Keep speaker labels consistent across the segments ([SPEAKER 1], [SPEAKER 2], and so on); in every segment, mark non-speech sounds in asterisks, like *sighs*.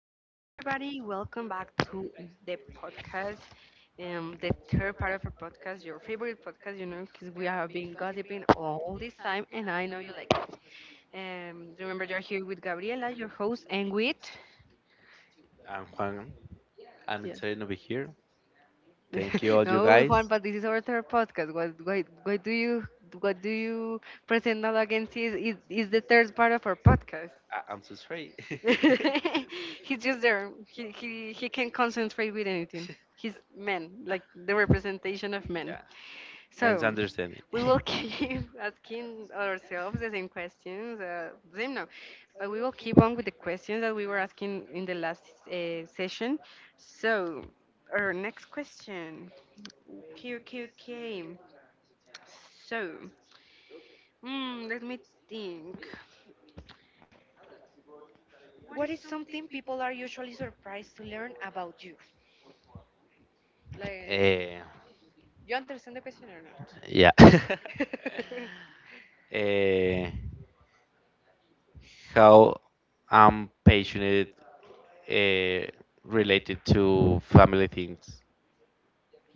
[SPEAKER 1] again, everybody. Welcome back to the podcast, the third part of our podcast, your favorite podcast, because we have been gossiping all this time, and I know you like it. Remember, you're here with Gabriela, your host, and with
[SPEAKER 2] I'm Juan. I'm
[SPEAKER 1] yeah.
[SPEAKER 2] intern over here. Thank you,
[SPEAKER 1] *laughs*
[SPEAKER 2] all you
[SPEAKER 1] No, Juan,
[SPEAKER 2] guys.
[SPEAKER 1] but this is our third podcast. What do you present now against is the third part of our podcast?
[SPEAKER 2] I'm so sorry. *laughs*
[SPEAKER 1] *laughs* He's just there. He can concentrate with anything. He's man, like the representation of men.
[SPEAKER 2] Yeah, So, men's So,
[SPEAKER 1] So
[SPEAKER 2] understanding.
[SPEAKER 1] we
[SPEAKER 2] *laughs*
[SPEAKER 1] will
[SPEAKER 2] Okay. *laughs*
[SPEAKER 1] keep *laughs* asking ourselves the same questions. Same no, But we will keep on with the questions that we were asking in the last session. So our next question. Okay, okay, okay. So let me think. What is something people are usually surprised to learn about you? Like.
[SPEAKER 2] Eh,
[SPEAKER 1] You understand the question or not?
[SPEAKER 2] yeah. *laughs*
[SPEAKER 1] *laughs* Do
[SPEAKER 2] Eh, how I'm passionate eh, related to family things.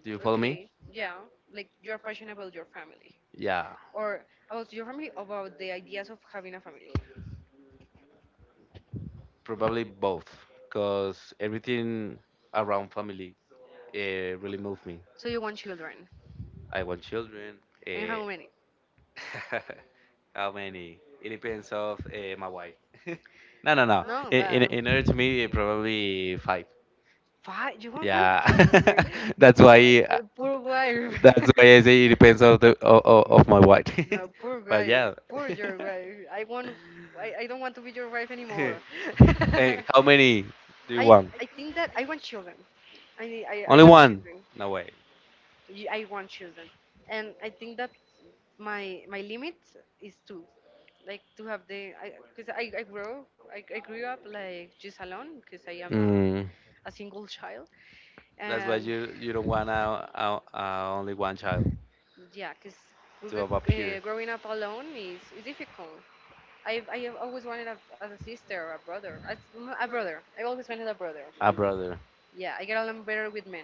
[SPEAKER 2] Do you follow me?
[SPEAKER 1] Okay, yeah, like you're passionate about your family
[SPEAKER 2] Yeah,
[SPEAKER 1] or about your family, about the ideas of having a family.
[SPEAKER 2] probably both, because everything around family. Really moved me.
[SPEAKER 1] So you want children,
[SPEAKER 2] I want children.
[SPEAKER 1] and how many?
[SPEAKER 2] Uh, *laughs* how many? It depends of my wife. *laughs* no, no, no.
[SPEAKER 1] No,
[SPEAKER 2] In,
[SPEAKER 1] but
[SPEAKER 2] in, in order to me, probably five.
[SPEAKER 1] five. You want five
[SPEAKER 2] Yeah,
[SPEAKER 1] children? *laughs*
[SPEAKER 2] *laughs*
[SPEAKER 1] *laughs*
[SPEAKER 2] that's
[SPEAKER 1] Poor,
[SPEAKER 2] why.
[SPEAKER 1] poor wife. *laughs*
[SPEAKER 2] That's why I say it depends of the of my wife.
[SPEAKER 1] That, no, poor but
[SPEAKER 2] *laughs* but
[SPEAKER 1] wife.
[SPEAKER 2] yeah.
[SPEAKER 1] Poor *laughs* your wife. I want. I don't want to be your wife anymore. *laughs*
[SPEAKER 2] *laughs* hey, how many
[SPEAKER 1] *laughs*
[SPEAKER 2] do
[SPEAKER 1] I
[SPEAKER 2] you
[SPEAKER 1] want?
[SPEAKER 2] want?
[SPEAKER 1] I think that I want children. I
[SPEAKER 2] Only
[SPEAKER 1] love
[SPEAKER 2] one?
[SPEAKER 1] children.
[SPEAKER 2] No way.
[SPEAKER 1] I want children, and I think that my limit is two, like to have the because 'cause I grew up like just alone because I am a,
[SPEAKER 2] Mm.
[SPEAKER 1] a single child,
[SPEAKER 2] That's why
[SPEAKER 1] and
[SPEAKER 2] you don't want a only one child.
[SPEAKER 1] yeah, because
[SPEAKER 2] To above here?
[SPEAKER 1] growing up alone is difficult. I have always wanted a sister or a brother. A brother. I always wanted a brother.
[SPEAKER 2] Ah, brother.
[SPEAKER 1] Yeah, I get along better with men,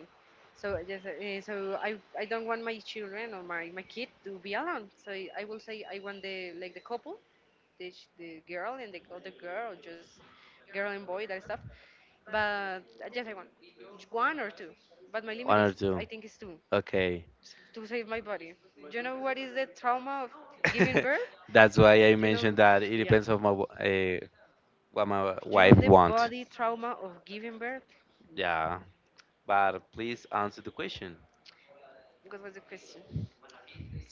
[SPEAKER 1] so just so I don't want my children or my kid to be alone, so I will say I want the like the couple, the girl and the other girl, or just girl and boy, that stuff. But yes, I want one or two, but my
[SPEAKER 2] One
[SPEAKER 1] limit
[SPEAKER 2] or
[SPEAKER 1] is,
[SPEAKER 2] two.
[SPEAKER 1] I think is two,
[SPEAKER 2] Okay.
[SPEAKER 1] to save my body. You know what is the trauma of giving
[SPEAKER 2] *laughs*
[SPEAKER 1] birth?
[SPEAKER 2] That's why I
[SPEAKER 1] You know,
[SPEAKER 2] mentioned that it depends on my what my
[SPEAKER 1] you know
[SPEAKER 2] wife
[SPEAKER 1] the
[SPEAKER 2] want.
[SPEAKER 1] body trauma of giving birth.
[SPEAKER 2] Yeah, but please answer the question.
[SPEAKER 1] What was the question?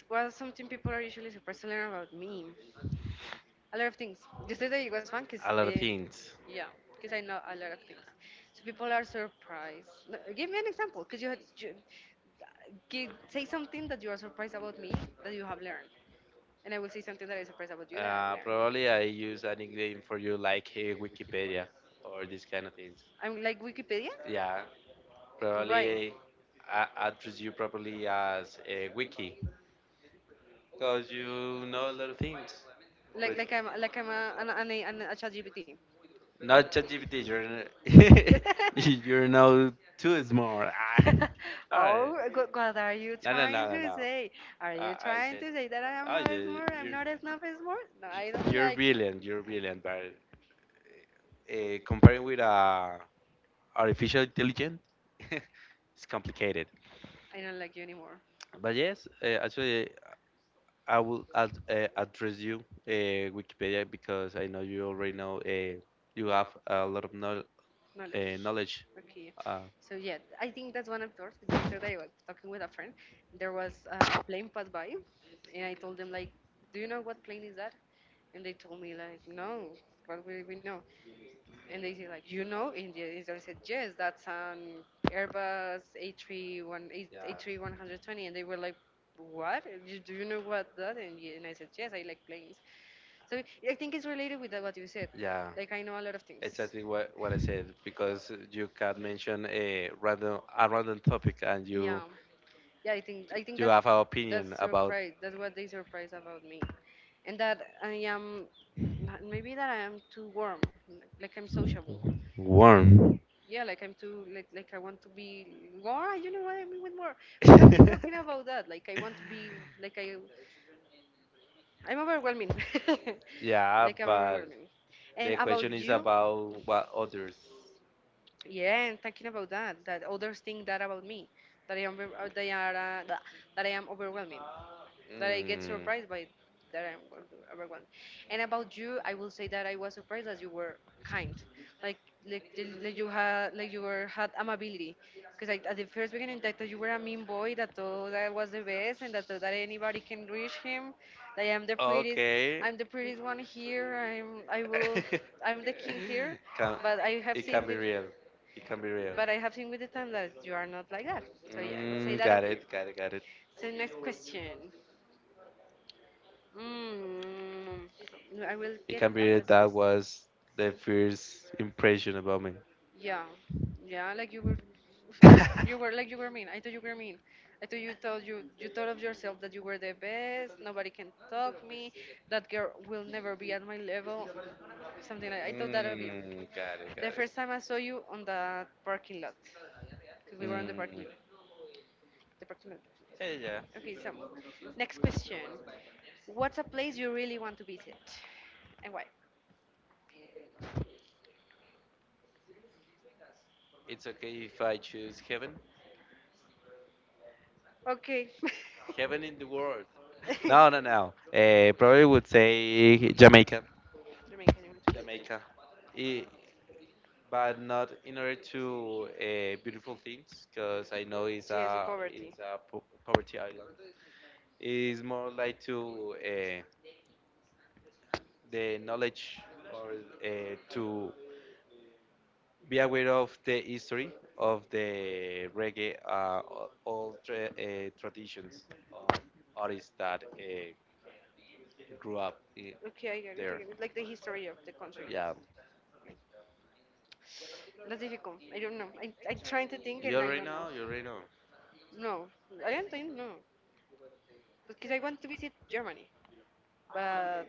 [SPEAKER 1] What something people are usually supposed to learn about me? A lot of things. Just that it was fun because,
[SPEAKER 2] A lot of things.
[SPEAKER 1] yeah, because I know a lot of things. So people are surprised. No, give me an example, because you give, say something that you are surprised about me that you have learned, and I will say something that I surprised about you that I have
[SPEAKER 2] Probably I
[SPEAKER 1] learned.
[SPEAKER 2] use
[SPEAKER 1] English.
[SPEAKER 2] an nickname for you like Wikipedia or these kind of things.
[SPEAKER 1] I'm like Wikipedia.
[SPEAKER 2] Yeah, probably
[SPEAKER 1] Why?
[SPEAKER 2] I address you properly as Wiki because you know a lot of things.
[SPEAKER 1] Like I'm a an a ChatGPT.
[SPEAKER 2] Not ChatGPT.
[SPEAKER 1] *laughs* *laughs*
[SPEAKER 2] *laughs* You're now too smart.
[SPEAKER 1] *laughs*
[SPEAKER 2] *laughs* Alright.
[SPEAKER 1] Oh, what are you, no, no,
[SPEAKER 2] No, no,
[SPEAKER 1] trying,
[SPEAKER 2] no,
[SPEAKER 1] no, to,
[SPEAKER 2] no,
[SPEAKER 1] no,
[SPEAKER 2] no.
[SPEAKER 1] say? Are you, uh, I
[SPEAKER 2] I
[SPEAKER 1] trying
[SPEAKER 2] said,
[SPEAKER 1] said, to say that I am,
[SPEAKER 2] oh
[SPEAKER 1] no, not a, you,
[SPEAKER 2] yeah,
[SPEAKER 1] smart? I'm, you, not a snob smart? No, I don't *laughs* you're
[SPEAKER 2] you're
[SPEAKER 1] like you.
[SPEAKER 2] brilliant. You're brilliant, but
[SPEAKER 1] Weird.
[SPEAKER 2] comparing with artificial intelligence, *laughs* it's complicated.
[SPEAKER 1] I don't like you anymore.
[SPEAKER 2] But yes, actually, I will ad address you Wikipedia because I know you already know you have a lot of know
[SPEAKER 1] Knowledge.
[SPEAKER 2] knowledge.
[SPEAKER 1] Okay. Okay.
[SPEAKER 2] Uh,
[SPEAKER 1] So yeah, I think that's one of yours. 'Cause yesterday I was talking with a friend. There was a plane passed by, and I told them like, "Do you know what plane is that?" And they told me like, "No, what will we know?" And they say like, India. They and they said yes, that's an Airbus A31, a three one
[SPEAKER 2] yeah.
[SPEAKER 1] hundred twenty. And they were like, what? Do you know what that? And I said yes, I like planes. So I think it's related with that, what you said.
[SPEAKER 2] Yeah,
[SPEAKER 1] Like I know a lot of things.
[SPEAKER 2] exactly what I said because you can mention a random topic and
[SPEAKER 1] Yeah, yeah. I think
[SPEAKER 2] you
[SPEAKER 1] that's
[SPEAKER 2] have an opinion
[SPEAKER 1] that's
[SPEAKER 2] about
[SPEAKER 1] surprise. That's what they surprise about me, and that I am maybe that I am too warm. Like I'm sociable.
[SPEAKER 2] worm.
[SPEAKER 1] Yeah, like I'm too like I want to be more. You know what I mean with more. *laughs*
[SPEAKER 2] *laughs*
[SPEAKER 1] Talking about that. Like I want to be like I'm overwhelming. *laughs*
[SPEAKER 2] yeah,
[SPEAKER 1] Like I'm
[SPEAKER 2] but
[SPEAKER 1] overwhelming. And
[SPEAKER 2] the
[SPEAKER 1] about
[SPEAKER 2] question is
[SPEAKER 1] you,
[SPEAKER 2] about what others.
[SPEAKER 1] yeah, and talking about that, that others think that about me, that I am they are that I am overwhelming, that I get
[SPEAKER 2] Mm.
[SPEAKER 1] surprised by, that I'm going to everyone. And about you, I will say that I was surprised that you were kind, like like, like you had like you were had amability, because like at the first beginning I thought you were a mean boy that thought I was the best and that thought that anybody can reach him, like
[SPEAKER 2] Okay.
[SPEAKER 1] I'm the prettiest one here, I will
[SPEAKER 2] *laughs*
[SPEAKER 1] *laughs* I'm the king here,
[SPEAKER 2] Can,
[SPEAKER 1] but I *laughs* have
[SPEAKER 2] it
[SPEAKER 1] seen
[SPEAKER 2] can
[SPEAKER 1] with
[SPEAKER 2] be real. It can be real.
[SPEAKER 1] but I have seen with the time that you are not like that. So yeah, I would say
[SPEAKER 2] Mm,
[SPEAKER 1] that of
[SPEAKER 2] got
[SPEAKER 1] you.
[SPEAKER 2] it, got it,
[SPEAKER 1] Got
[SPEAKER 2] got
[SPEAKER 1] it. So next question. Mm, I will
[SPEAKER 2] it.
[SPEAKER 1] get.
[SPEAKER 2] Can be that that was the first impression about me.
[SPEAKER 1] Yeah, yeah. Like you were, no, you were
[SPEAKER 2] *laughs*
[SPEAKER 1] like you were mean. I thought you were mean. I thought you thought you thought of yourself that you were the best. Nobody can talk me. That girl will never be at my level. Something like I thought that of you.
[SPEAKER 2] Mm, got it,
[SPEAKER 1] The
[SPEAKER 2] got it.
[SPEAKER 1] first time I saw you on that parking lot, because we were on the parking
[SPEAKER 2] Mm.
[SPEAKER 1] lot. The parking lot.
[SPEAKER 2] Yeah, yeah.
[SPEAKER 1] Okay, so next question. What's a place you really want to visit, and why?
[SPEAKER 2] It's okay if I choose heaven.
[SPEAKER 1] Okay.
[SPEAKER 2] Heaven in the world. No, no,
[SPEAKER 1] *laughs*
[SPEAKER 2] no. Probably would say Jamaica.
[SPEAKER 1] Jamaican, you want to say.
[SPEAKER 2] Jamaica. I- but not in order to
[SPEAKER 1] Exit,
[SPEAKER 2] beautiful things, because I know
[SPEAKER 1] yes, the poverty.
[SPEAKER 2] it's a poverty island. It's more like to the knowledge or to be aware of the history of the reggae, all traditions of artists that grew up I
[SPEAKER 1] Okay, I get it, I there.
[SPEAKER 2] there.
[SPEAKER 1] Get it. Like the history of the country
[SPEAKER 2] Yeah,
[SPEAKER 1] is. That's difficult. I don't know. I'm trying to think and I don't know.
[SPEAKER 2] you already know.
[SPEAKER 1] No, I don't think, no. Because I want to visit Germany. but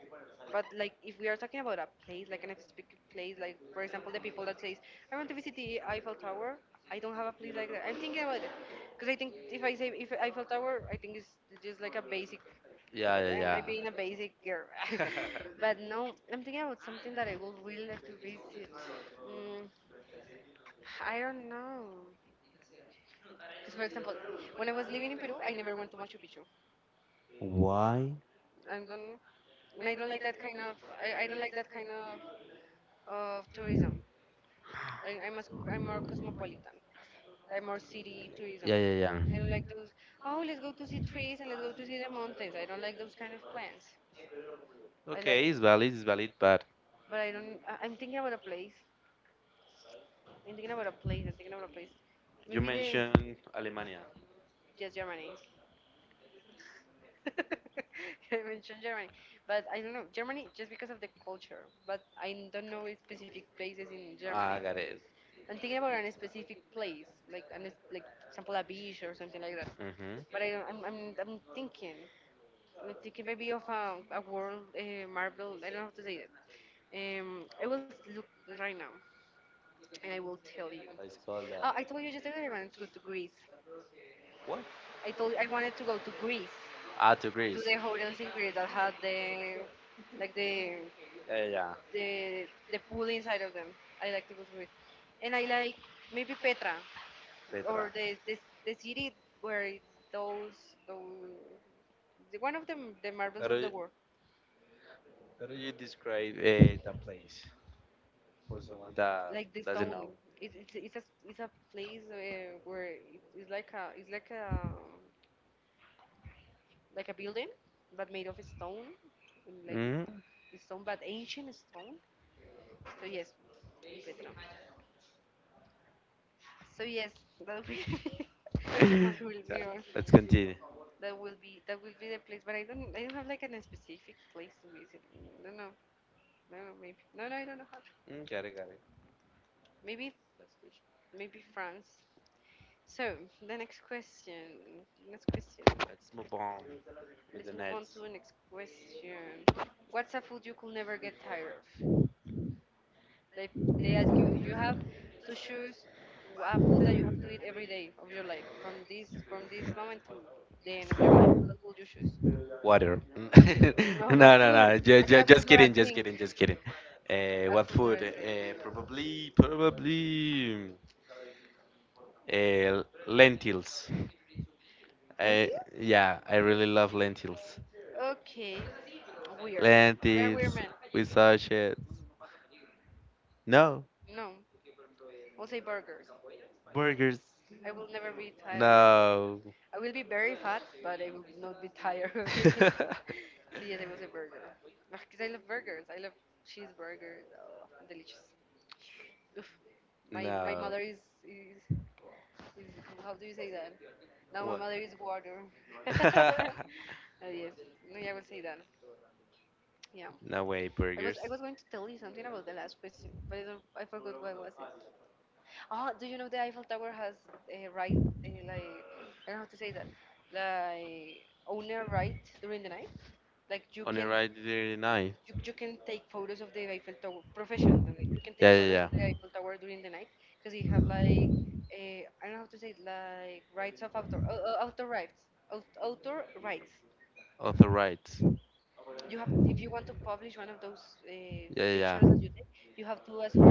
[SPEAKER 1] but like if we are talking about a place like an specific place, like for example the people that says I want to visit the Eiffel Tower. I don't have a place like that. I'm thinking about it, because I think if I say if Eiffel Tower, I think it's just like a basic,
[SPEAKER 2] Yeah,
[SPEAKER 1] I'm
[SPEAKER 2] yeah,
[SPEAKER 1] like being a basic girl.
[SPEAKER 2] yeah.
[SPEAKER 1] *laughs* *laughs*
[SPEAKER 2] *laughs*
[SPEAKER 1] But no, I'm thinking about something that I would really like to visit. mm, I don't know, because for example when I was living in Peru, I never went to Machu Picchu.
[SPEAKER 2] Why?
[SPEAKER 1] I don't, and I don't like that kind of, I don't like that kind of tourism. I, I'm, a, I'm more cosmopolitan. I'm more city tourism.
[SPEAKER 2] Yeah, yeah,
[SPEAKER 1] Yeah.
[SPEAKER 2] yeah.
[SPEAKER 1] I don't like those, oh, let's go to see trees and let's go to see the mountains. I don't like those kind of plans. I like,
[SPEAKER 2] Okay,
[SPEAKER 1] it's,
[SPEAKER 2] it's valid, but
[SPEAKER 1] but I don't, I'm thinking about a place. I'm thinking about a place. I'm thinking about a place.
[SPEAKER 2] you
[SPEAKER 1] Maybe
[SPEAKER 2] mentioned Alemania.
[SPEAKER 1] yes, Germany. *laughs* I mentioned Germany, but I don't know Germany just because of the culture. But I don't know specific places in Germany.
[SPEAKER 2] Ah, got it.
[SPEAKER 1] I'm thinking about a specific place, like like for example a beach or something like that.
[SPEAKER 2] Mm-hmm.
[SPEAKER 1] But I don't, I'm thinking maybe of a world marvel. I don't know how to say that. I will look right now, and I will tell you.
[SPEAKER 2] Let's call
[SPEAKER 1] Oh,
[SPEAKER 2] that.
[SPEAKER 1] I told you yesterday I wanted to go to Greece.
[SPEAKER 2] What?
[SPEAKER 1] I wanted to go to Greece,
[SPEAKER 2] Ah, to
[SPEAKER 1] to
[SPEAKER 2] Greece.
[SPEAKER 1] the hotels in Greece that had like the
[SPEAKER 2] Yeah, yeah,
[SPEAKER 1] the pool inside of them. I like to go to Greece, and I like maybe Petra, or
[SPEAKER 2] Petra.
[SPEAKER 1] the city where it's those one of the marvels
[SPEAKER 2] How do
[SPEAKER 1] of the
[SPEAKER 2] you,
[SPEAKER 1] world,
[SPEAKER 2] how do you describe the place for someone that
[SPEAKER 1] like the
[SPEAKER 2] doesn't
[SPEAKER 1] stone.
[SPEAKER 2] know?
[SPEAKER 1] It's a place where it's like a like a building, but made of stone, and like
[SPEAKER 2] Hmm.
[SPEAKER 1] Stone, but ancient stone. So yes, Petra. So yes, that will be
[SPEAKER 2] *laughs*
[SPEAKER 1] *laughs* that will
[SPEAKER 2] so,
[SPEAKER 1] be our Let's
[SPEAKER 2] let's
[SPEAKER 1] continue.
[SPEAKER 2] continue.
[SPEAKER 1] That will be the place. But I don't have like specific place to visit. No, no, no, maybe, no, no. I don't know how.
[SPEAKER 2] Mm, got it, got it.
[SPEAKER 1] Maybe
[SPEAKER 2] Last question.
[SPEAKER 1] Maybe France. So the next question, next question.
[SPEAKER 2] Let's move on with
[SPEAKER 1] Let's
[SPEAKER 2] the
[SPEAKER 1] move on nice. To
[SPEAKER 2] next.
[SPEAKER 1] the next question. What's a food you could never get tired of? They they ask you have to choose a food that you have to eat every day of your life from this moment to the end of your what would you choose?
[SPEAKER 2] Water. Mm.
[SPEAKER 1] No,
[SPEAKER 2] *laughs* no,
[SPEAKER 1] a
[SPEAKER 2] no,
[SPEAKER 1] food.
[SPEAKER 2] no.
[SPEAKER 1] I said a
[SPEAKER 2] Just
[SPEAKER 1] food, not
[SPEAKER 2] kidding,
[SPEAKER 1] a
[SPEAKER 2] just
[SPEAKER 1] drink.
[SPEAKER 2] kidding, just kidding.
[SPEAKER 1] A
[SPEAKER 2] What
[SPEAKER 1] food, not
[SPEAKER 2] food?
[SPEAKER 1] a drink.
[SPEAKER 2] Probably. Lentils.
[SPEAKER 1] Don't
[SPEAKER 2] I,
[SPEAKER 1] you?
[SPEAKER 2] yeah, I really love lentils.
[SPEAKER 1] Okay. Weird. You're a
[SPEAKER 2] Lentils
[SPEAKER 1] weird man.
[SPEAKER 2] with sausages. No,
[SPEAKER 1] No. I'll say burgers.
[SPEAKER 2] burgers.
[SPEAKER 1] I will never be tired.
[SPEAKER 2] No.
[SPEAKER 1] I will be very fat, but I will not be tired of it.
[SPEAKER 2] *laughs*
[SPEAKER 1] *laughs* So yes, I will say burger. Because I love burgers. I love cheeseburgers. Oh, delicious. Oof. My
[SPEAKER 2] no.
[SPEAKER 1] mother is, is is how do you say that? No, my
[SPEAKER 2] What?
[SPEAKER 1] mother is water. *laughs*
[SPEAKER 2] *laughs*
[SPEAKER 1] *laughs* Yes, no, yeah, I will say that. Yeah,
[SPEAKER 2] no way,
[SPEAKER 1] I was
[SPEAKER 2] burgers.
[SPEAKER 1] I was going to tell you something about the last question, but I, don't, I forgot what was it. Ah, do you know the Eiffel Tower has a right like I don't know how to say that, like owner right during the night. Like you
[SPEAKER 2] On a
[SPEAKER 1] can
[SPEAKER 2] right there night.
[SPEAKER 1] you, you can take photos of the Eiffel Tower professionally. You can take
[SPEAKER 2] Yeah, yeah,
[SPEAKER 1] to
[SPEAKER 2] yeah.
[SPEAKER 1] the Eiffel Tower during the night because you have like I don't know how to say it, like rights of author, author rights, author rights.
[SPEAKER 2] On the right.
[SPEAKER 1] You have if you want to publish one of those,
[SPEAKER 2] Yeah, yeah, yeah,
[SPEAKER 1] you have to ask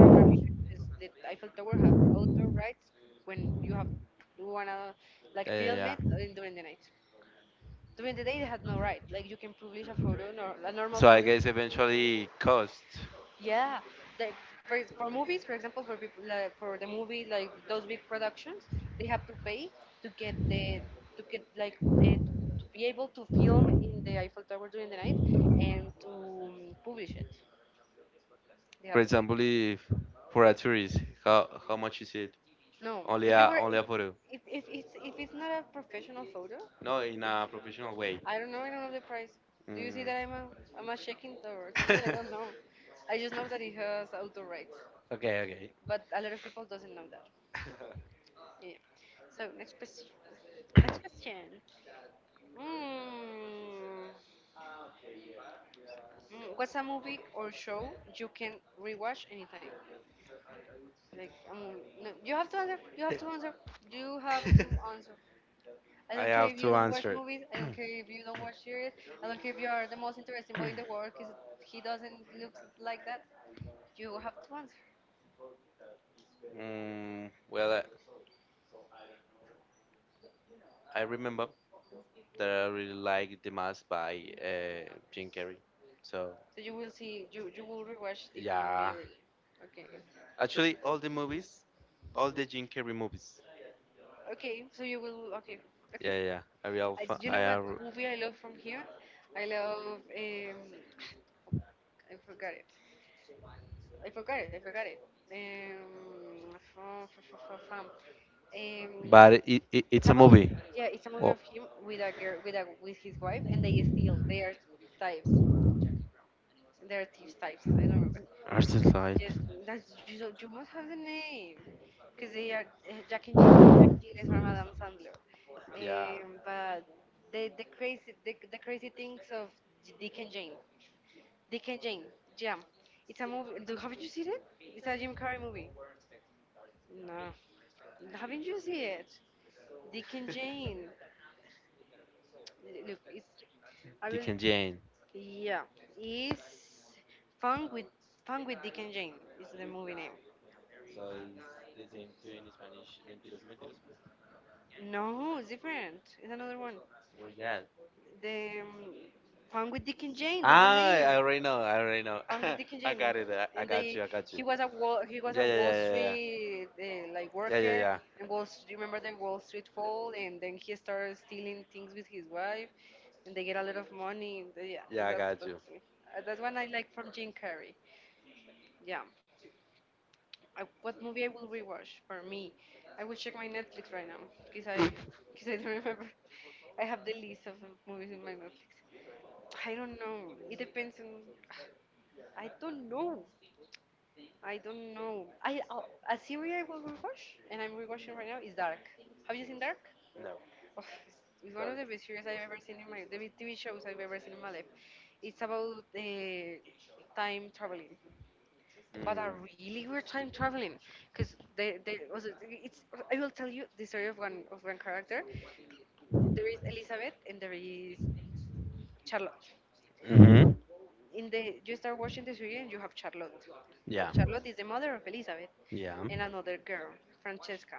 [SPEAKER 1] the Eiffel Tower have author rights when you have you wanna like
[SPEAKER 2] yeah,
[SPEAKER 1] film
[SPEAKER 2] yeah,
[SPEAKER 1] it
[SPEAKER 2] yeah.
[SPEAKER 1] during the night. During the day, they had no right. Like you can publish a photo, nor, a normal.
[SPEAKER 2] So I guess eventually cost.
[SPEAKER 1] Yeah, like for movies, for example, for people, like, for the movie, like those big productions, they have to pay to get the to get like the, to be able to film in the Eiffel Tower during the night and to publish it. They
[SPEAKER 2] For
[SPEAKER 1] have to
[SPEAKER 2] example, if for a tourist, how much is it?
[SPEAKER 1] pay. No,
[SPEAKER 2] Only
[SPEAKER 1] if you were
[SPEAKER 2] a photo.
[SPEAKER 1] if it's if it's not a professional photo,
[SPEAKER 2] No, in a professional way.
[SPEAKER 1] I don't know. I don't know the price. Do you see
[SPEAKER 2] Mm.
[SPEAKER 1] that I'm a shaking or something? I don't
[SPEAKER 2] *laughs*
[SPEAKER 1] know. *laughs* I just know that it has auto rights,
[SPEAKER 2] okay, okay.
[SPEAKER 1] but a lot of people doesn't know that. Yeah. So next question. Next question. Mm, what's a movie or show you can rewatch anytime? Like a movie. No, you have to answer. You have to answer. You have to
[SPEAKER 2] *coughs*
[SPEAKER 1] *laughs* answer. I
[SPEAKER 2] I
[SPEAKER 1] don't care
[SPEAKER 2] have
[SPEAKER 1] have if you
[SPEAKER 2] to
[SPEAKER 1] to don't watch
[SPEAKER 2] answer.
[SPEAKER 1] answer. Movies.
[SPEAKER 2] *coughs*
[SPEAKER 1] I don't care if you don't watch series. I don't care if you are the most interesting boy in the world because he doesn't look like that. You have to answer.
[SPEAKER 2] Well, I remember that I really like the most by Jim Carrey. So
[SPEAKER 1] So you will see. You will rewatch the Yeah.
[SPEAKER 2] yeah,
[SPEAKER 1] movie. Or, okay.
[SPEAKER 2] actually all the movies, all the Jim Carrey movies.
[SPEAKER 1] Okay, so you will. Okay, okay.
[SPEAKER 2] Yeah, yeah, a real
[SPEAKER 1] I,
[SPEAKER 2] fan.
[SPEAKER 1] you
[SPEAKER 2] I
[SPEAKER 1] know what
[SPEAKER 2] are,
[SPEAKER 1] movie I love from here? I love. I forgot it. I forgot it. I forgot it. Fa- fa- fa- fa- fam. Um,
[SPEAKER 2] but it's a movie.
[SPEAKER 1] yeah, it's a movie
[SPEAKER 2] Oh.
[SPEAKER 1] of him with a girl, with a with his wife, and they steal. They are types. They are thieves types. I don't remember.
[SPEAKER 2] Arthur Light.
[SPEAKER 1] Yes, that's, you must have the name, because they are Jack and. It is by Madame Sandler.
[SPEAKER 2] Yeah.
[SPEAKER 1] But the crazy things of Dick and Jane. Dick and Jane. Jam. It's a movie. Do, haven't you seen it? It's a Jim Carrey movie. No. Haven't you seen it? Dick and Jane. Look, it's I
[SPEAKER 2] Dick
[SPEAKER 1] will.
[SPEAKER 2] and Jane.
[SPEAKER 1] Yeah, it's fun with fun with Dick and Jane is the movie name.
[SPEAKER 2] So he is into in Spanish empirism.
[SPEAKER 1] No, it's different. It's another one.
[SPEAKER 2] Muy bien.
[SPEAKER 1] The fun with Dick and Jane. That's the
[SPEAKER 2] Ah,
[SPEAKER 1] name.
[SPEAKER 2] I already know. I already know.
[SPEAKER 1] And
[SPEAKER 2] *laughs*
[SPEAKER 1] with Dick and *laughs*
[SPEAKER 2] I
[SPEAKER 1] Janie,
[SPEAKER 2] got it. I
[SPEAKER 1] and
[SPEAKER 2] got
[SPEAKER 1] they
[SPEAKER 2] you. I got you.
[SPEAKER 1] he was
[SPEAKER 2] Yeah, yeah,
[SPEAKER 1] a Wall
[SPEAKER 2] yeah, yeah, yeah,
[SPEAKER 1] Street like yeah, yeah, yeah, yeah, yeah,
[SPEAKER 2] yeah, yeah,
[SPEAKER 1] worker.
[SPEAKER 2] yeah.
[SPEAKER 1] And Wall Street, remember the Wall Street fall, and then he started stealing things with his wife, and they get a lot of money. And they- yeah,
[SPEAKER 2] Yeah, I
[SPEAKER 1] that's you.
[SPEAKER 2] got you.
[SPEAKER 1] That's that's one I like from Jim Carrey. Yeah, I, what movie I will rewatch for me? I will check my Netflix right now because I *laughs* because I don't remember. *laughs* I have the list of movies in my Netflix. I don't know. It depends on. *sighs* I don't know. I don't know. I a series I will rewatch, and I'm rewatching right now is Dark. Have you seen Dark?
[SPEAKER 2] No,
[SPEAKER 1] Oh, it's one of
[SPEAKER 2] dark.
[SPEAKER 1] the best series I've ever seen in my the best TV shows I've ever seen in my life. It's about time traveling, but a
[SPEAKER 2] Mm.
[SPEAKER 1] really weird time traveling, because they also it's I will tell you the story of one character. There is Elizabeth and there is Charlotte
[SPEAKER 2] Mm-hmm.
[SPEAKER 1] in the you start watching the series and you have Charlotte. Yeah.
[SPEAKER 2] Yeah.
[SPEAKER 1] And Charlotte is the mother of Elizabeth.
[SPEAKER 2] Yeah.
[SPEAKER 1] Yeah. And another girl, Francesca.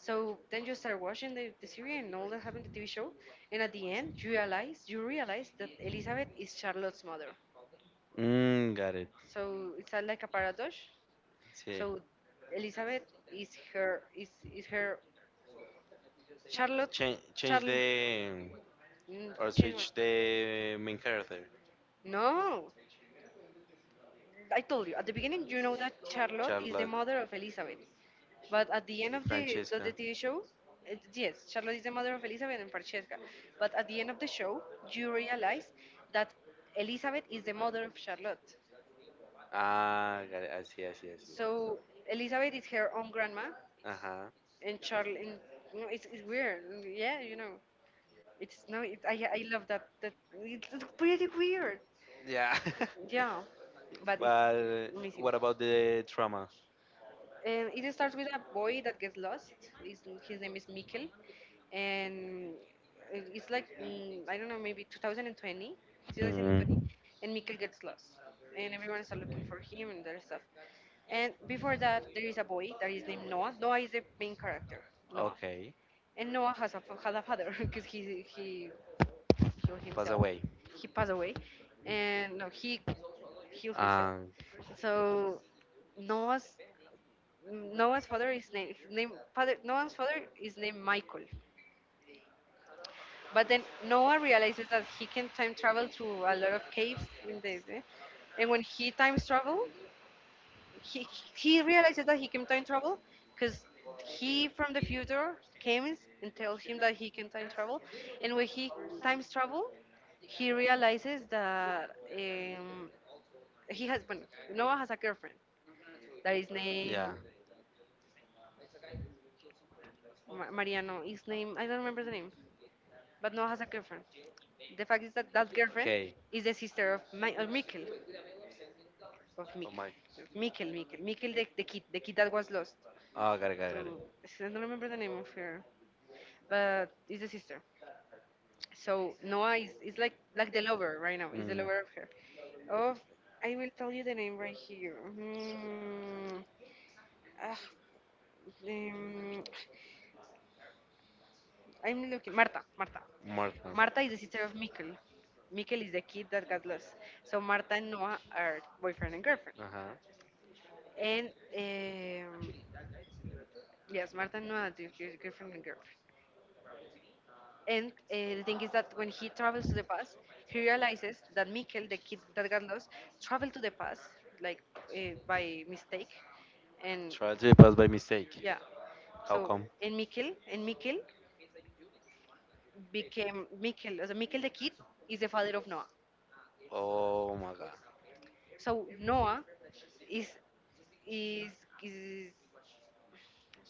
[SPEAKER 1] So then you start watching the series and all that happened in the TV show, and at the end you realize that Elizabeth is Charlotte's mother.
[SPEAKER 2] Mm, got it.
[SPEAKER 1] So it's a, like a paradox. Yeah.
[SPEAKER 2] Sí.
[SPEAKER 1] So Elizabeth is her Charlotte.
[SPEAKER 2] Change, change
[SPEAKER 1] Charlotte.
[SPEAKER 2] the
[SPEAKER 1] Mm,
[SPEAKER 2] or switch the main character.
[SPEAKER 1] no, I told you at the beginning, you know that Charlotte is the
[SPEAKER 2] Charlotte.
[SPEAKER 1] mother of Elizabeth, but at the end
[SPEAKER 2] Y
[SPEAKER 1] of
[SPEAKER 2] Francesca.
[SPEAKER 1] the TV show, it, yes, Charlotte is the mother of Elizabeth and Francesca. But at the end of the show, you realize that Elizabeth is the mother of Charlotte.
[SPEAKER 2] Ah, got it. I see, I see, I see.
[SPEAKER 1] So Elizabeth is her own grandma,
[SPEAKER 2] Uh-huh.
[SPEAKER 1] and Charlotte. And, you know, it's weird. And yeah, you know, it's no. It, I love that. That it's pretty weird.
[SPEAKER 2] Yeah. *laughs*
[SPEAKER 1] Yeah, but it's
[SPEAKER 2] But
[SPEAKER 1] amazing.
[SPEAKER 2] what about the trauma?
[SPEAKER 1] It starts with a boy that gets lost. His name is Mikkel, and it- it's like I don't know, maybe 2020, 2020,
[SPEAKER 2] Mm,
[SPEAKER 1] and Mikkel gets lost, and everyone is looking for him and that stuff. And before that, there is a boy that is named Noah. Noah is the main character, Noah,
[SPEAKER 2] okay.
[SPEAKER 1] and Noah has a had a father *laughs* because he killed
[SPEAKER 2] Pass
[SPEAKER 1] himself.
[SPEAKER 2] away.
[SPEAKER 1] He passed away, and no, he killed himself.
[SPEAKER 2] Um,
[SPEAKER 1] So Noah's Noah's father is named his name father Noah's father is named Michael. But then Noah realizes that he can time travel to a lot of caves in this, eh? And when he time travel, he realizes that he can time travel because he from the future comes and tells him that he can time travel, and when he time travel, he realizes that um, he has well, Noah has a girlfriend that is named
[SPEAKER 2] yeah.
[SPEAKER 1] Mariano. His name I don't remember the name. But Noah has a girlfriend. The fact is that that girlfriend
[SPEAKER 2] Okay.
[SPEAKER 1] is the sister of my of Mikkel, of
[SPEAKER 2] Oh
[SPEAKER 1] Mikkel,
[SPEAKER 2] my.
[SPEAKER 1] Mikkel, the kid that was lost.
[SPEAKER 2] Oh, got it, got it, got
[SPEAKER 1] So
[SPEAKER 2] it.
[SPEAKER 1] I don't remember the name of her, but it's the sister. So Noah is like the lover right now. Is the lover of her. Of I will tell you the name right here. Hmm. Ah, um, I'm looking. Marta, Marta.
[SPEAKER 2] Martha.
[SPEAKER 1] Marta is the sister of Mikkel. Mikkel is the kid that got lost. So Marta and Noah are boyfriend and girlfriend.
[SPEAKER 2] Uh-huh.
[SPEAKER 1] And um, yes, Marta and Noah are the girlfriend and girlfriend. And the thing is that when he travels to the past, he realizes that Mikkel, the kid that got lost, traveled to the past like by mistake. And
[SPEAKER 2] Tried to pass by mistake.
[SPEAKER 1] yeah,
[SPEAKER 2] How
[SPEAKER 1] so
[SPEAKER 2] come?
[SPEAKER 1] and Mikkel became Mikkel. So Mikkel the kid is the father of Noah.
[SPEAKER 2] Oh my god.
[SPEAKER 1] So Noah is is is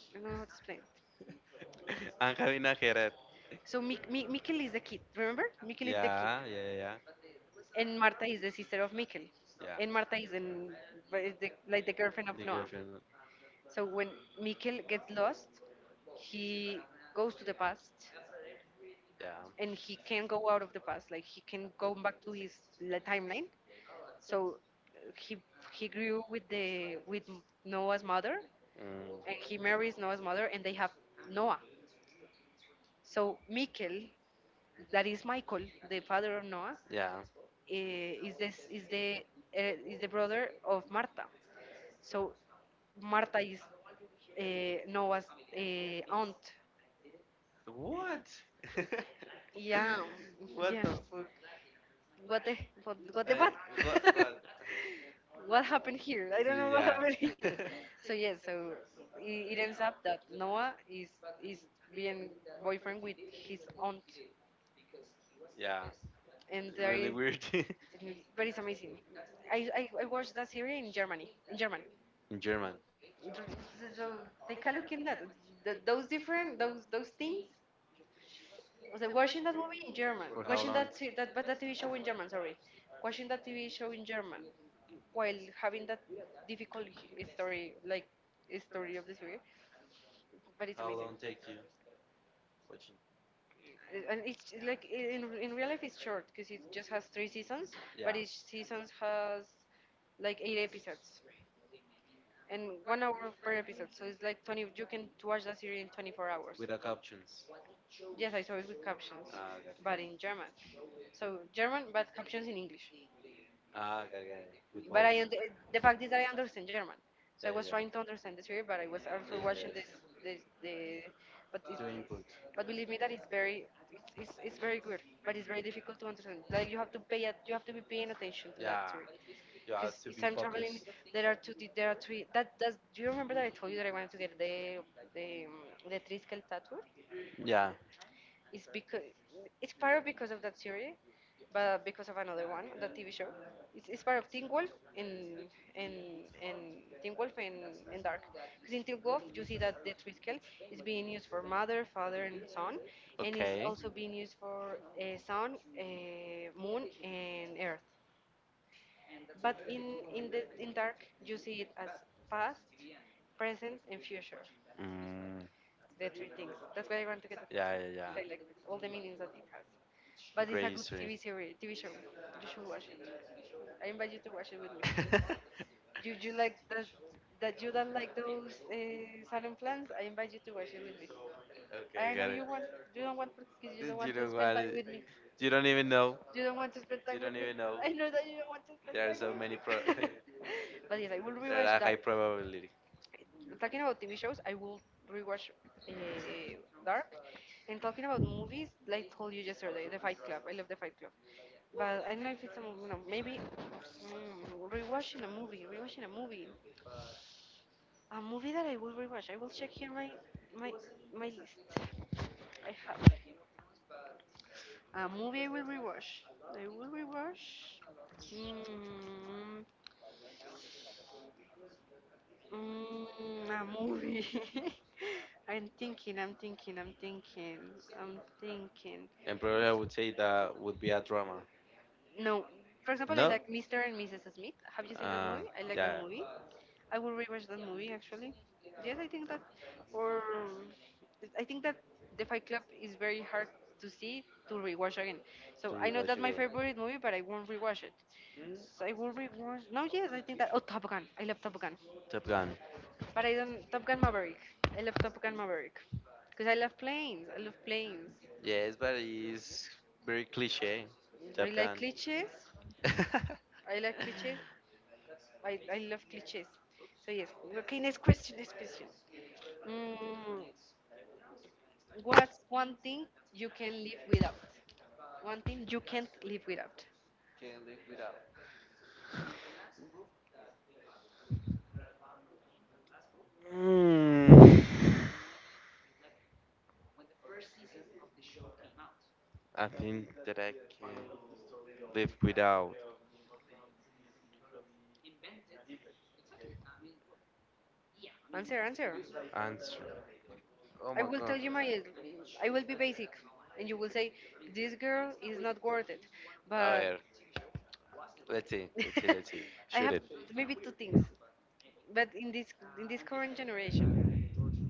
[SPEAKER 1] I don't know how to explain it.
[SPEAKER 2] *laughs* I'm having a headache.
[SPEAKER 1] So Mikkel is the kid. Remember, Mikkel is the kid,
[SPEAKER 2] Yeah, yeah,
[SPEAKER 1] and Marta is the sister of Mikkel, and Marta is in is the, like the girlfriend of Noah. So when Mikkel gets lost, he goes to the past, and he
[SPEAKER 2] yeah.
[SPEAKER 1] can go out of the past. Like he can go back to his timeline. So uh, he he grew with the with Noah's mother,
[SPEAKER 2] Mm,
[SPEAKER 1] and he marries Noah's mother, and they have Noah. So Mikel, that is Michael, the father of Noah, eh, is this is the is the brother of Martha. So Martha is Noah's aunt.
[SPEAKER 2] what? *laughs*
[SPEAKER 1] Yeah, What?
[SPEAKER 2] what
[SPEAKER 1] Yeah.
[SPEAKER 2] the fuck?
[SPEAKER 1] What the what?
[SPEAKER 2] Like, what?
[SPEAKER 1] *laughs*
[SPEAKER 2] What? *laughs*
[SPEAKER 1] What happened here? I don't know what
[SPEAKER 2] Yeah.
[SPEAKER 1] happened here.
[SPEAKER 2] *laughs*
[SPEAKER 1] *laughs* So yes, so it ends up that Noah is being boyfriend with his aunt,
[SPEAKER 2] yeah.
[SPEAKER 1] and there
[SPEAKER 2] Really
[SPEAKER 1] is
[SPEAKER 2] weird. *laughs*
[SPEAKER 1] It- But it's amazing. I watched that series in Germany, in German.
[SPEAKER 2] in German.
[SPEAKER 1] So so take a look in that. Those different, those things. I was like watching that movie in German,
[SPEAKER 2] For how
[SPEAKER 1] watching
[SPEAKER 2] long?
[SPEAKER 1] that se- that but that TV show in German. Sorry, watching that TV show in German while having that difficult story, like story of the series. But it's
[SPEAKER 2] How
[SPEAKER 1] amazing.
[SPEAKER 2] long take you watching?
[SPEAKER 1] And it's j- like I- in real life it's short because it just has 3 seasons but
[SPEAKER 2] Yeah.
[SPEAKER 1] each season has like 8 episodes and 1 hour per episode. So it's like 20. You can watch that series in 24 hours.
[SPEAKER 2] Without captions.
[SPEAKER 1] Yes, I saw it with captions,
[SPEAKER 2] Ah, got
[SPEAKER 1] but in German.
[SPEAKER 2] it.
[SPEAKER 1] So German, but captions in English.
[SPEAKER 2] Ah, got it. Got it. With both.
[SPEAKER 1] But point. The fact is that I understand German, so I was trying to
[SPEAKER 2] Yeah,
[SPEAKER 1] understand the series, but I was also watching this yeah. this the but
[SPEAKER 2] what
[SPEAKER 1] it's
[SPEAKER 2] input.
[SPEAKER 1] but believe me that it's, it's very good, but it's very difficult to understand. Like you have to be paying attention to that
[SPEAKER 2] Yeah.
[SPEAKER 1] series you
[SPEAKER 2] You have to
[SPEAKER 1] because it's time traveling. Focused. There are three. That does. Do you remember that I told you that I wanted to get the triskel tattoo?
[SPEAKER 2] Yeah.
[SPEAKER 1] It's because it's part of because of that series, but because of another one, that TV show. It's part of Teen Wolf and and and Teen Wolf and Dark. Because in Teen Wolf you see that the tricycle is being used for mother, father, and son, and it's also
[SPEAKER 2] And
[SPEAKER 1] being used for sun, moon, and earth. But in Dark you see it as past, present, and future.
[SPEAKER 2] Mm, that's
[SPEAKER 1] The three things. That's why I want to get that.
[SPEAKER 2] yeah, yeah, yeah.
[SPEAKER 1] I like all the
[SPEAKER 2] Like
[SPEAKER 1] meanings that it has. But
[SPEAKER 2] it's
[SPEAKER 1] it's a
[SPEAKER 2] great
[SPEAKER 1] good TV series, TV show. You should watch it. I invite you to watch it with me.
[SPEAKER 2] because *laughs* it's
[SPEAKER 1] *laughs* Do you like that you don't like those salon plans? I invite you to watch it with me. I
[SPEAKER 2] okay,
[SPEAKER 1] know
[SPEAKER 2] got
[SPEAKER 1] you
[SPEAKER 2] it.
[SPEAKER 1] want You don't want because you don't want
[SPEAKER 2] You
[SPEAKER 1] to
[SPEAKER 2] don't
[SPEAKER 1] spend time
[SPEAKER 2] want.
[SPEAKER 1] with me.
[SPEAKER 2] You don't even know.
[SPEAKER 1] Want to spend time with me. *laughs*
[SPEAKER 2] Even
[SPEAKER 1] I know that you don't want to spend
[SPEAKER 2] there are
[SPEAKER 1] time with
[SPEAKER 2] so many. *laughs*
[SPEAKER 1] me. *laughs* But yes, I will rewatch
[SPEAKER 2] There are high
[SPEAKER 1] Dark.
[SPEAKER 2] probability,
[SPEAKER 1] Talking about TV shows, I will rewatch uh, Dark. And talking about movies, like told you yesterday, The Fight Club. I love The Fight Club. But I don't know if it's a movie. No, maybe rewatching a movie. Rewatching a movie. A movie that I will rewatch. I will check here my my my list. I have a movie I will rewatch. I will rewatch. Mm, a movie. *laughs* I'm thinking, I'm thinking, I'm thinking, I'm thinking.
[SPEAKER 2] and probably I would say that would be a drama.
[SPEAKER 1] No, for example, I
[SPEAKER 2] No.
[SPEAKER 1] like Mr. and Mrs. Smith. Have you seen that
[SPEAKER 2] Uh,
[SPEAKER 1] movie? I like that
[SPEAKER 2] yeah.
[SPEAKER 1] movie. I will rewatch that movie actually. Yes, or I think that The Fight Club is very hard to rewatch again. So
[SPEAKER 2] To
[SPEAKER 1] I know
[SPEAKER 2] rewatch
[SPEAKER 1] that's my
[SPEAKER 2] again.
[SPEAKER 1] again. Favorite movie, but I won't rewatch it. So I will rewatch. No, yes, I think that. Oh, Top Gun. I love Top Gun.
[SPEAKER 2] Top Gun.
[SPEAKER 1] But I don't Top Gun Maverick. I love Top Gun Maverick because I love planes. I love planes.
[SPEAKER 2] Yes, but it's very cliche.
[SPEAKER 1] I
[SPEAKER 2] Top
[SPEAKER 1] like
[SPEAKER 2] Gun.
[SPEAKER 1] cliches.
[SPEAKER 2] *laughs*
[SPEAKER 1] I like cliches. I love cliches. So yes. Okay, next question. Next question. Mm, what's one thing you can live without? One thing you can't live without.
[SPEAKER 2] Hmm. I think that I can live without
[SPEAKER 1] Answer, answer.
[SPEAKER 2] answer. Oh
[SPEAKER 1] I
[SPEAKER 2] my
[SPEAKER 1] will tell
[SPEAKER 2] god.
[SPEAKER 1] you my. I will be basic, and you will say this girl is not worth it.
[SPEAKER 2] A
[SPEAKER 1] But
[SPEAKER 2] ver. Let's see. Let's see. Let's see.
[SPEAKER 1] *laughs* I
[SPEAKER 2] Shoot
[SPEAKER 1] have
[SPEAKER 2] it.
[SPEAKER 1] maybe two things. But in this current generation,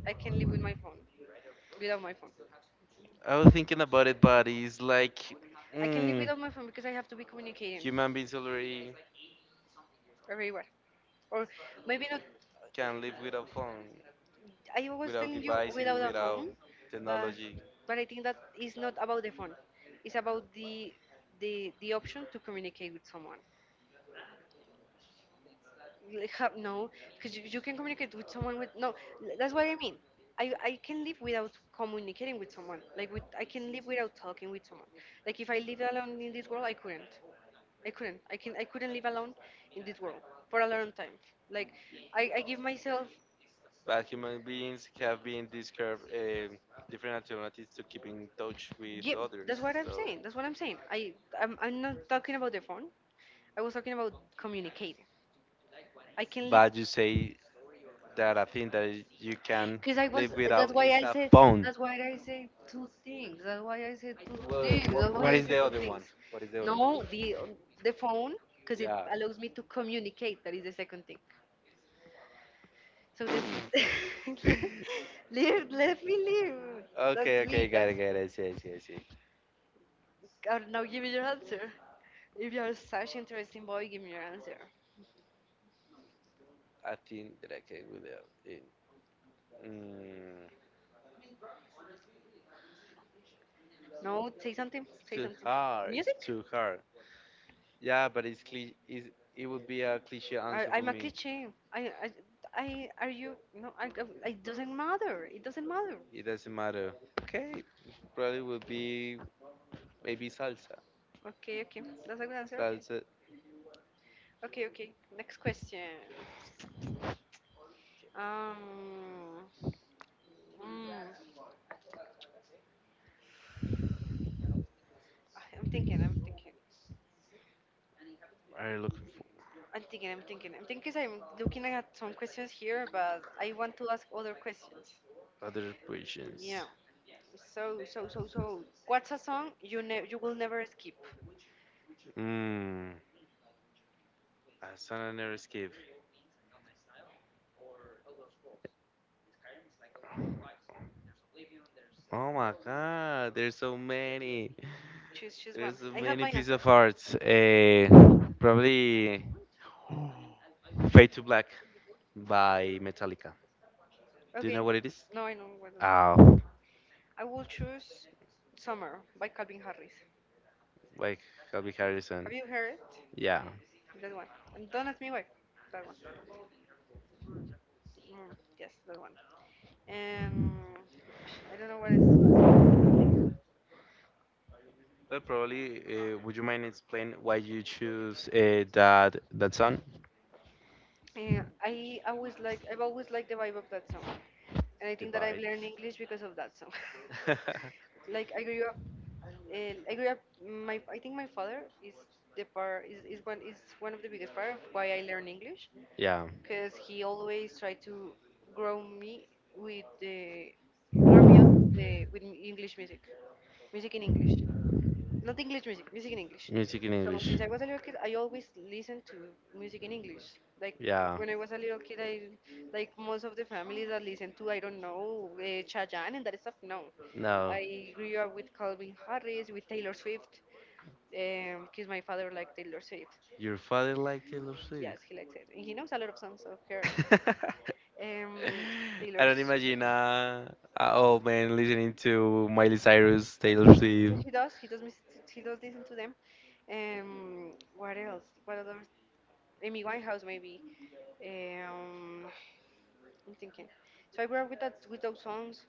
[SPEAKER 1] I can live with my phone, without my phone.
[SPEAKER 2] I was thinking about it, but it's like,
[SPEAKER 1] I can live
[SPEAKER 2] mm,
[SPEAKER 1] without my phone because I have to be communicating
[SPEAKER 2] human beings already
[SPEAKER 1] everywhere. Or maybe not.
[SPEAKER 2] can live without phone,
[SPEAKER 1] I was
[SPEAKER 2] without
[SPEAKER 1] telling you
[SPEAKER 2] devices,
[SPEAKER 1] without a
[SPEAKER 2] without
[SPEAKER 1] phone, but
[SPEAKER 2] technology.
[SPEAKER 1] I think that is not about the phone. It's about the option to communicate with someone. Like, have no because you can communicate with someone with no that's what I mean. I can live without communicating with someone, like with I can live without talking with someone. Like if I lived alone in this world, I couldn't live alone in this world for a long time. Like I give myself.
[SPEAKER 2] But human beings have been discovered different alternatives to keep in touch
[SPEAKER 1] Yeah,
[SPEAKER 2] with others. So,
[SPEAKER 1] that's what I'm saying. I'm not talking about the phone. I was talking about communicating. I can live
[SPEAKER 2] but you say that I think that you can
[SPEAKER 1] because
[SPEAKER 2] live
[SPEAKER 1] that's
[SPEAKER 2] without
[SPEAKER 1] why
[SPEAKER 2] is
[SPEAKER 1] I
[SPEAKER 2] a
[SPEAKER 1] said,
[SPEAKER 2] phone.
[SPEAKER 1] that's why I said two things. That's why I said two
[SPEAKER 2] Well,
[SPEAKER 1] things. That's why what
[SPEAKER 2] what
[SPEAKER 1] I is
[SPEAKER 2] is
[SPEAKER 1] said the
[SPEAKER 2] the
[SPEAKER 1] two other
[SPEAKER 2] other
[SPEAKER 1] one? Things.
[SPEAKER 2] one? What is the other one?
[SPEAKER 1] No, the phone, because it
[SPEAKER 2] Yeah.
[SPEAKER 1] allows me to communicate. That is the second thing. So this, *laughs* let me leave.
[SPEAKER 2] *laughs*
[SPEAKER 1] That's
[SPEAKER 2] okay, okay,
[SPEAKER 1] me.
[SPEAKER 2] got
[SPEAKER 1] That's
[SPEAKER 2] it, got it. I see, I see, I see.
[SPEAKER 1] now. Give me your answer. If you're such interesting boy, give me your answer.
[SPEAKER 2] I think that I can without it. Mm,
[SPEAKER 1] No, say something. Say
[SPEAKER 2] too
[SPEAKER 1] something.
[SPEAKER 2] hard. It's
[SPEAKER 1] Music.
[SPEAKER 2] too hard. Yeah, but it's, it would be a cliche answer for
[SPEAKER 1] I'm a
[SPEAKER 2] me.
[SPEAKER 1] cliche. I, I, are you? It doesn't matter. It doesn't matter.
[SPEAKER 2] It doesn't matter. Okay, probably would be maybe salsa.
[SPEAKER 1] Okay, okay. That's a good answer.
[SPEAKER 2] Salsa.
[SPEAKER 1] Okay, okay, okay. Next question. Um, mm, I'm thinking.
[SPEAKER 2] Are looking
[SPEAKER 1] I'm thinking 'cause I'm looking at some questions here, but I want to ask other questions.
[SPEAKER 2] for other
[SPEAKER 1] Yeah.
[SPEAKER 2] questions?
[SPEAKER 1] So what's a song you ne you will never skip?
[SPEAKER 2] Mmm. A son I never another escape. Oh my god, there's so many.
[SPEAKER 1] Choose one.
[SPEAKER 2] There's so
[SPEAKER 1] I have
[SPEAKER 2] many
[SPEAKER 1] my
[SPEAKER 2] piece
[SPEAKER 1] answer.
[SPEAKER 2] of arts. Probably Fade to Black by Metallica. Do you
[SPEAKER 1] Okay.
[SPEAKER 2] know what it is?
[SPEAKER 1] No, I know what
[SPEAKER 2] Oh,
[SPEAKER 1] I will choose. Summer by Calvin Harris.
[SPEAKER 2] like Calvin Harrison.
[SPEAKER 1] Have you heard it?
[SPEAKER 2] Yeah.
[SPEAKER 1] That one. And don't ask me why. That one. Mm, yes, that one. And *sighs* I don't know what it's.
[SPEAKER 2] But probably, would you mind explain why you choose that that song?
[SPEAKER 1] I've always liked the vibe of that song. And I think that I've
[SPEAKER 2] Divide.
[SPEAKER 1] learned English because of that song. *laughs*
[SPEAKER 2] *laughs*
[SPEAKER 1] Like I grew up, I grew up. My I think my father is the part is one of the biggest part of why I learn English,
[SPEAKER 2] Yeah.
[SPEAKER 1] because he always tried to grow me with the with English music, music in English. Not English music, music in English.
[SPEAKER 2] Music in
[SPEAKER 1] So since
[SPEAKER 2] English.
[SPEAKER 1] I was a little kid, I always listened to music in English. Like
[SPEAKER 2] Yeah.
[SPEAKER 1] when I was a little kid, I like most of the families that listen to I don't know Chayanne and that stuff. No,
[SPEAKER 2] No.
[SPEAKER 1] I grew up with Calvin Harris, with Taylor Swift, because my father liked Taylor Swift.
[SPEAKER 2] Your father liked Taylor
[SPEAKER 1] Yes,
[SPEAKER 2] Swift.
[SPEAKER 1] he likes it, and he knows a lot of songs of her.
[SPEAKER 2] *laughs*
[SPEAKER 1] Um, *laughs* Taylor,
[SPEAKER 2] I don't imagine an old man listening to Miley Cyrus, Taylor
[SPEAKER 1] yeah,
[SPEAKER 2] Swift.
[SPEAKER 1] he does. He does. He does listen to them. Um, what else? What other Amy Winehouse maybe. Um, I'm thinking. So I grew up with those songs.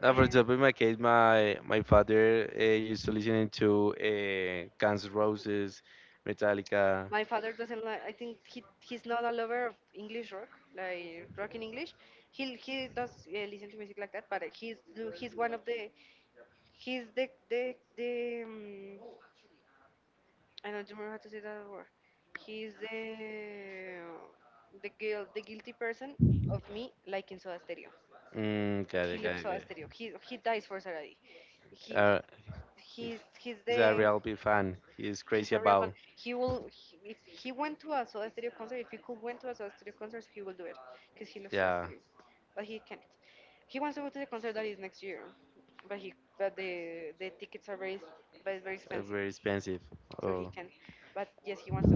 [SPEAKER 2] Now, for
[SPEAKER 1] Uh,
[SPEAKER 2] example, in my case, my father used to listening to Guns N' Roses, Metallica.
[SPEAKER 1] my father doesn't like. I think he's not a lover of English rock, like rock in English. He does, yeah, listen to music like that, but he's one of the he's the I don't remember how to say that word. He's the guilty person of me liking Soda Stereo.
[SPEAKER 2] Mm, got
[SPEAKER 1] He
[SPEAKER 2] it,
[SPEAKER 1] loves
[SPEAKER 2] got it, got
[SPEAKER 1] Soda
[SPEAKER 2] it.
[SPEAKER 1] Stereo. He dies for Saradi. He
[SPEAKER 2] Uh, he's
[SPEAKER 1] he's he's
[SPEAKER 2] he's
[SPEAKER 1] the
[SPEAKER 2] a real big fan. He's
[SPEAKER 1] he's
[SPEAKER 2] crazy
[SPEAKER 1] a real fan.
[SPEAKER 2] about.
[SPEAKER 1] He will if he went to a Soda Stereo concert, if he could went to a Soda Stereo concert, he will do it because he loves Soda
[SPEAKER 2] Yeah,
[SPEAKER 1] Stereo, but he can't. He wants to go to the concert that is next year, but he but the tickets are very but it's very expensive,
[SPEAKER 2] very expensive.
[SPEAKER 1] so he
[SPEAKER 2] Oh.
[SPEAKER 1] can't. But yes, he wants to.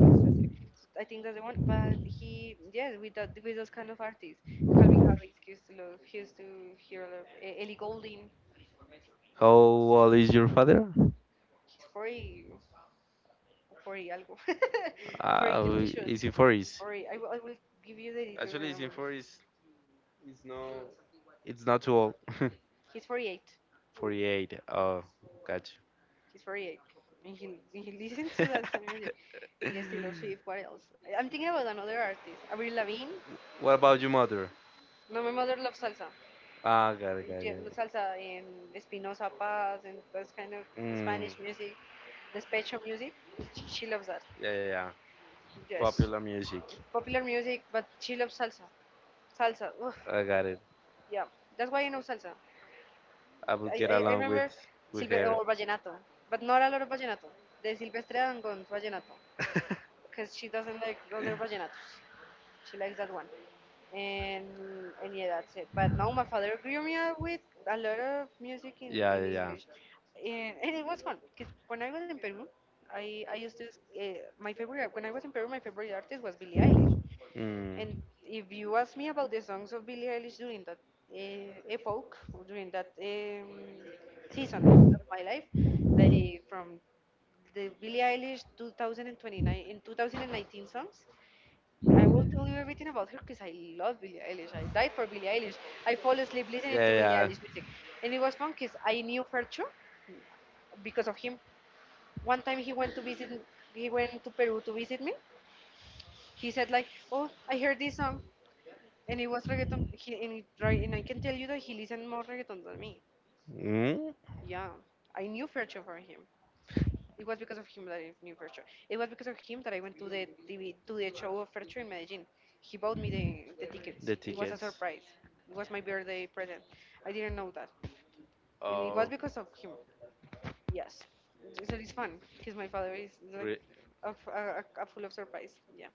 [SPEAKER 1] I think that's the one. But he yes, with those kind of artists, Calvin Harris he used to love. He used to hear a lot of Ellie Goulding.
[SPEAKER 2] How old is your father?
[SPEAKER 1] He's 40, algo, *laughs* 40
[SPEAKER 2] Ah,
[SPEAKER 1] quelque chose.
[SPEAKER 2] is in 40s.
[SPEAKER 1] I will give you the details
[SPEAKER 2] Actually,
[SPEAKER 1] right
[SPEAKER 2] he's
[SPEAKER 1] now.
[SPEAKER 2] in 40s. It's no, it's not too old. *laughs*
[SPEAKER 1] He's 48.
[SPEAKER 2] 48. Oh, gotcha.
[SPEAKER 1] He's 48. And he listens to that kind of music. Yes, Taylor
[SPEAKER 2] *laughs*
[SPEAKER 1] Swift, what else? I'm thinking about another artist, Avril Lavigne.
[SPEAKER 2] what about your mother?
[SPEAKER 1] No, my mother loves salsa.
[SPEAKER 2] Ah, got it, got it,
[SPEAKER 1] Yeah,
[SPEAKER 2] got it.
[SPEAKER 1] salsa and Espinosa Paz and those kind of
[SPEAKER 2] Mm,
[SPEAKER 1] Spanish music, despecho music. She loves that.
[SPEAKER 2] yeah, yeah, yeah.
[SPEAKER 1] Yes,
[SPEAKER 2] Popular music.
[SPEAKER 1] popular music, but she loves salsa. Salsa. Ugh.
[SPEAKER 2] I got it.
[SPEAKER 1] Yeah, that's why I know salsa.
[SPEAKER 2] I would get
[SPEAKER 1] I
[SPEAKER 2] along
[SPEAKER 1] remember
[SPEAKER 2] with
[SPEAKER 1] Silve
[SPEAKER 2] her.
[SPEAKER 1] or vallenato, but not a lot of vallenato. The Silvestre Dangon's vallenato,
[SPEAKER 2] *laughs*
[SPEAKER 1] because she doesn't like other vallenatos. She likes that one, and yeah, that's it. But now my father grew me up with a lot of music in, yeah,
[SPEAKER 2] yeah,
[SPEAKER 1] in
[SPEAKER 2] yeah, yeah.
[SPEAKER 1] English, and it was fun. Because when I was in Peru, I used to my favorite when I was in Peru, my favorite artist was Billie Eilish.
[SPEAKER 2] Mm,
[SPEAKER 1] And if you ask me about the songs of Billie Eilish during that epoch, or during that season of my life, like from the Billie Eilish 2029 in 2019 songs, I will tell you everything about her because I love Billie Eilish. I died for Billie Eilish. I fall asleep listening to
[SPEAKER 2] yeah,
[SPEAKER 1] Billie
[SPEAKER 2] yeah.
[SPEAKER 1] Eilish music, and it was fun because I knew her too because of him. One time he went to Peru to visit me. He said like, "Oh, I heard this song." And it was reggaeton. Right, and I can tell you that he listened more reggaeton than me.
[SPEAKER 2] Mm?
[SPEAKER 1] Yeah. I knew Fercho for him. It was because of him that I knew Fercho. It was because of him that I went to the show of Fercho in Medellin. He bought me the tickets.
[SPEAKER 2] The
[SPEAKER 1] It was a
[SPEAKER 2] tickets.
[SPEAKER 1] surprise. It was my birthday present. I didn't know that. And it was
[SPEAKER 2] Oh,
[SPEAKER 1] because of him. Yes. So it's fun because my father is like
[SPEAKER 2] re-
[SPEAKER 1] a full of surprise. Yeah.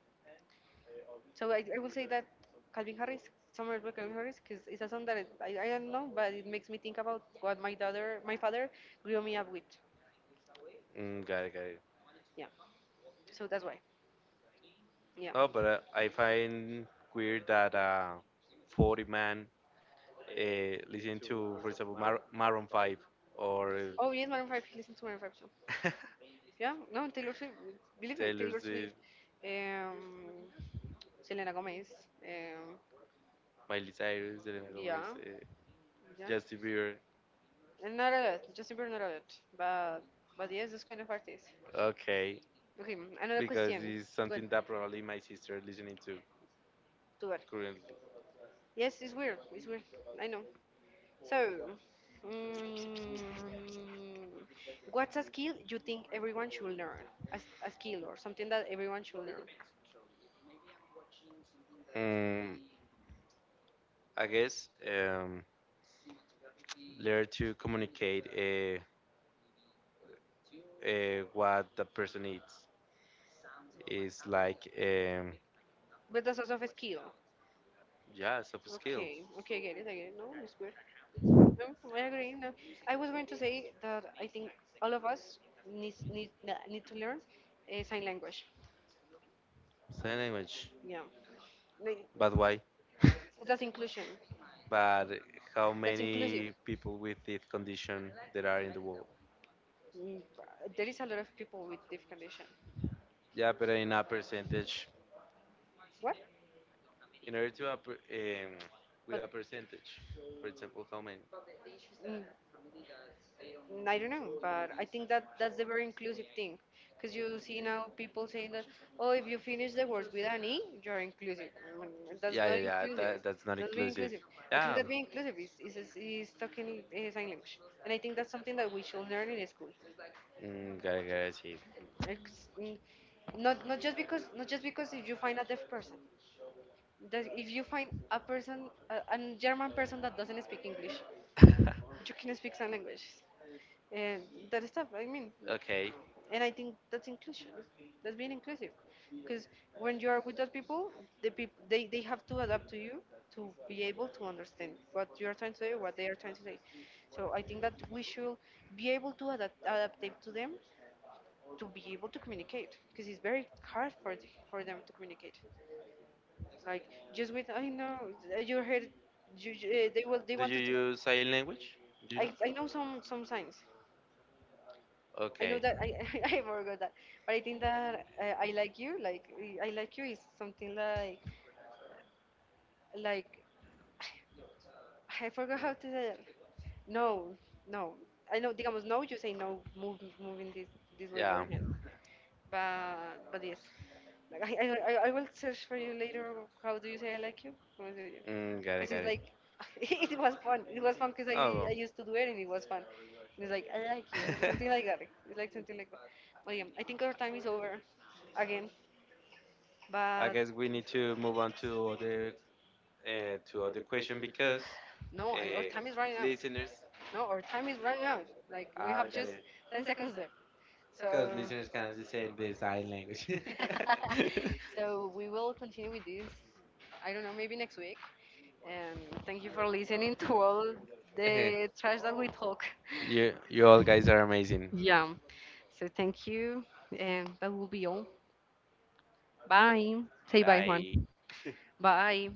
[SPEAKER 1] So I will say that Calvin Harris, Summer by Calvin Harris, because it's a song that I don't know, but it makes me think about what my father grew me up with.
[SPEAKER 2] mm, got it, got
[SPEAKER 1] Yeah. So that's why. Yeah.
[SPEAKER 2] Oh, but I find weird that 40 man uh, listening to, for example, Maroon 5 or
[SPEAKER 1] Oh yes, Maroon 5. Listen to Maroon 5 too.
[SPEAKER 2] uh,
[SPEAKER 1] Yeah. No, Taylor Swift.
[SPEAKER 2] *laughs*
[SPEAKER 1] Believe me,
[SPEAKER 2] Taylor
[SPEAKER 1] Taylor Swift,
[SPEAKER 2] Swift,
[SPEAKER 1] um, Selena Gomez. Um,
[SPEAKER 2] Miley Cyrus, Selena Gomez,
[SPEAKER 1] yeah.
[SPEAKER 2] Justin
[SPEAKER 1] Yeah.
[SPEAKER 2] Bieber.
[SPEAKER 1] And not a lot, just in not a lot. But but yes, those kind of artists.
[SPEAKER 2] Okay,
[SPEAKER 1] Okay, mm, another
[SPEAKER 2] because
[SPEAKER 1] question.
[SPEAKER 2] it's
[SPEAKER 1] Go on.
[SPEAKER 2] something that probably my sister listening to
[SPEAKER 1] To what?
[SPEAKER 2] currently.
[SPEAKER 1] Yes, it's weird. It's weird. I know. So, mm, what's a skill you think everyone should learn? A, a skill or something that everyone should learn.
[SPEAKER 2] Mm, I guess learn to communicate what the person needs. It's like,
[SPEAKER 1] But that's also a skill.
[SPEAKER 2] yeah, soft skills,
[SPEAKER 1] Okay, okay, I get it, I get it. No, it's good. No, I agree. No, I was going to say that I think all of us needs, need to learn sign language.
[SPEAKER 2] sign language.
[SPEAKER 1] Yeah, like,
[SPEAKER 2] But why?
[SPEAKER 1] 'cause that's inclusion.
[SPEAKER 2] But how
[SPEAKER 1] That's inclusive.
[SPEAKER 2] many people with this condition there are in the world?
[SPEAKER 1] Mm, there is a lot of people with diff condition.
[SPEAKER 2] Yeah, but in a percentage,
[SPEAKER 1] What?
[SPEAKER 2] in order to appre um,
[SPEAKER 1] With
[SPEAKER 2] with a
[SPEAKER 1] But
[SPEAKER 2] percentage, for example, how many?
[SPEAKER 1] many? Mm, I don't know, but I think that that's the very inclusive thing, because you see now people saying that, oh, if you finish the words with an e, you're inclusive. Mm, that's
[SPEAKER 2] Yeah,
[SPEAKER 1] not
[SPEAKER 2] yeah, yeah.
[SPEAKER 1] inclusive.
[SPEAKER 2] That's not
[SPEAKER 1] That's being
[SPEAKER 2] inclusive.
[SPEAKER 1] inclusive. I think that
[SPEAKER 2] Yeah.
[SPEAKER 1] being inclusive is talking sign language, and I think that's something that we should learn in school.
[SPEAKER 2] Mm, got it,
[SPEAKER 1] It's, mm, not just because not just because if you find a deaf person, that if you find a person a German person that doesn't speak English,
[SPEAKER 2] see.
[SPEAKER 1] you can speak sign language and that stuff. I mean,
[SPEAKER 2] *laughs* okay.
[SPEAKER 1] and I think that's inclusion, that's being inclusive because when you are with those people they have to adapt to you to be able to understand what you are trying to say, what they are trying to say. So I think that we should be able to adapt it to them to be able to communicate because it's very hard for them to communicate. Like, just with I know, you heard, you, eh, they
[SPEAKER 2] Do
[SPEAKER 1] want
[SPEAKER 2] you
[SPEAKER 1] to tell.
[SPEAKER 2] use sign language? Do you know?
[SPEAKER 1] I know some signs. I know
[SPEAKER 2] Okay.
[SPEAKER 1] that I *laughs* I forgot that, but I think that I like you. Like, I like you is something like *sighs* I forgot how to say it. No, no. I know. Digamos no. You say no. Moving this this way your
[SPEAKER 2] Yeah.
[SPEAKER 1] hand. But yes, like I I, I will search for you later. How do you say I like you?
[SPEAKER 2] Mm, got
[SPEAKER 1] Because
[SPEAKER 2] it,
[SPEAKER 1] it's
[SPEAKER 2] got it.
[SPEAKER 1] like *laughs* it was fun. It was fun because
[SPEAKER 2] Oh.
[SPEAKER 1] I used to do it and it was fun. And it's like I like you, and something like that. It's like something like that. But yeah, I think our time is over again.
[SPEAKER 2] *laughs* I
[SPEAKER 1] But
[SPEAKER 2] guess we need to move on to other question because
[SPEAKER 1] no, I- our
[SPEAKER 2] uh,
[SPEAKER 1] time is running out.
[SPEAKER 2] listeners,
[SPEAKER 1] No, our time is running out. Like we
[SPEAKER 2] ah,
[SPEAKER 1] have
[SPEAKER 2] got
[SPEAKER 1] just
[SPEAKER 2] it.
[SPEAKER 1] 10 seconds left.
[SPEAKER 2] Because
[SPEAKER 1] So
[SPEAKER 2] listeners can
[SPEAKER 1] so
[SPEAKER 2] understand the sign language.
[SPEAKER 1] *laughs*
[SPEAKER 2] *laughs*
[SPEAKER 1] *laughs* so we will continue with this. I don't know, maybe next week. And thank you for listening to all the trash
[SPEAKER 2] *laughs*
[SPEAKER 1] that we talk. *laughs*
[SPEAKER 2] You all guys are amazing.
[SPEAKER 1] Yeah. So thank you, and that will be all. Bye. Say bye, Juan.
[SPEAKER 2] Bye. *laughs*
[SPEAKER 1] Bye.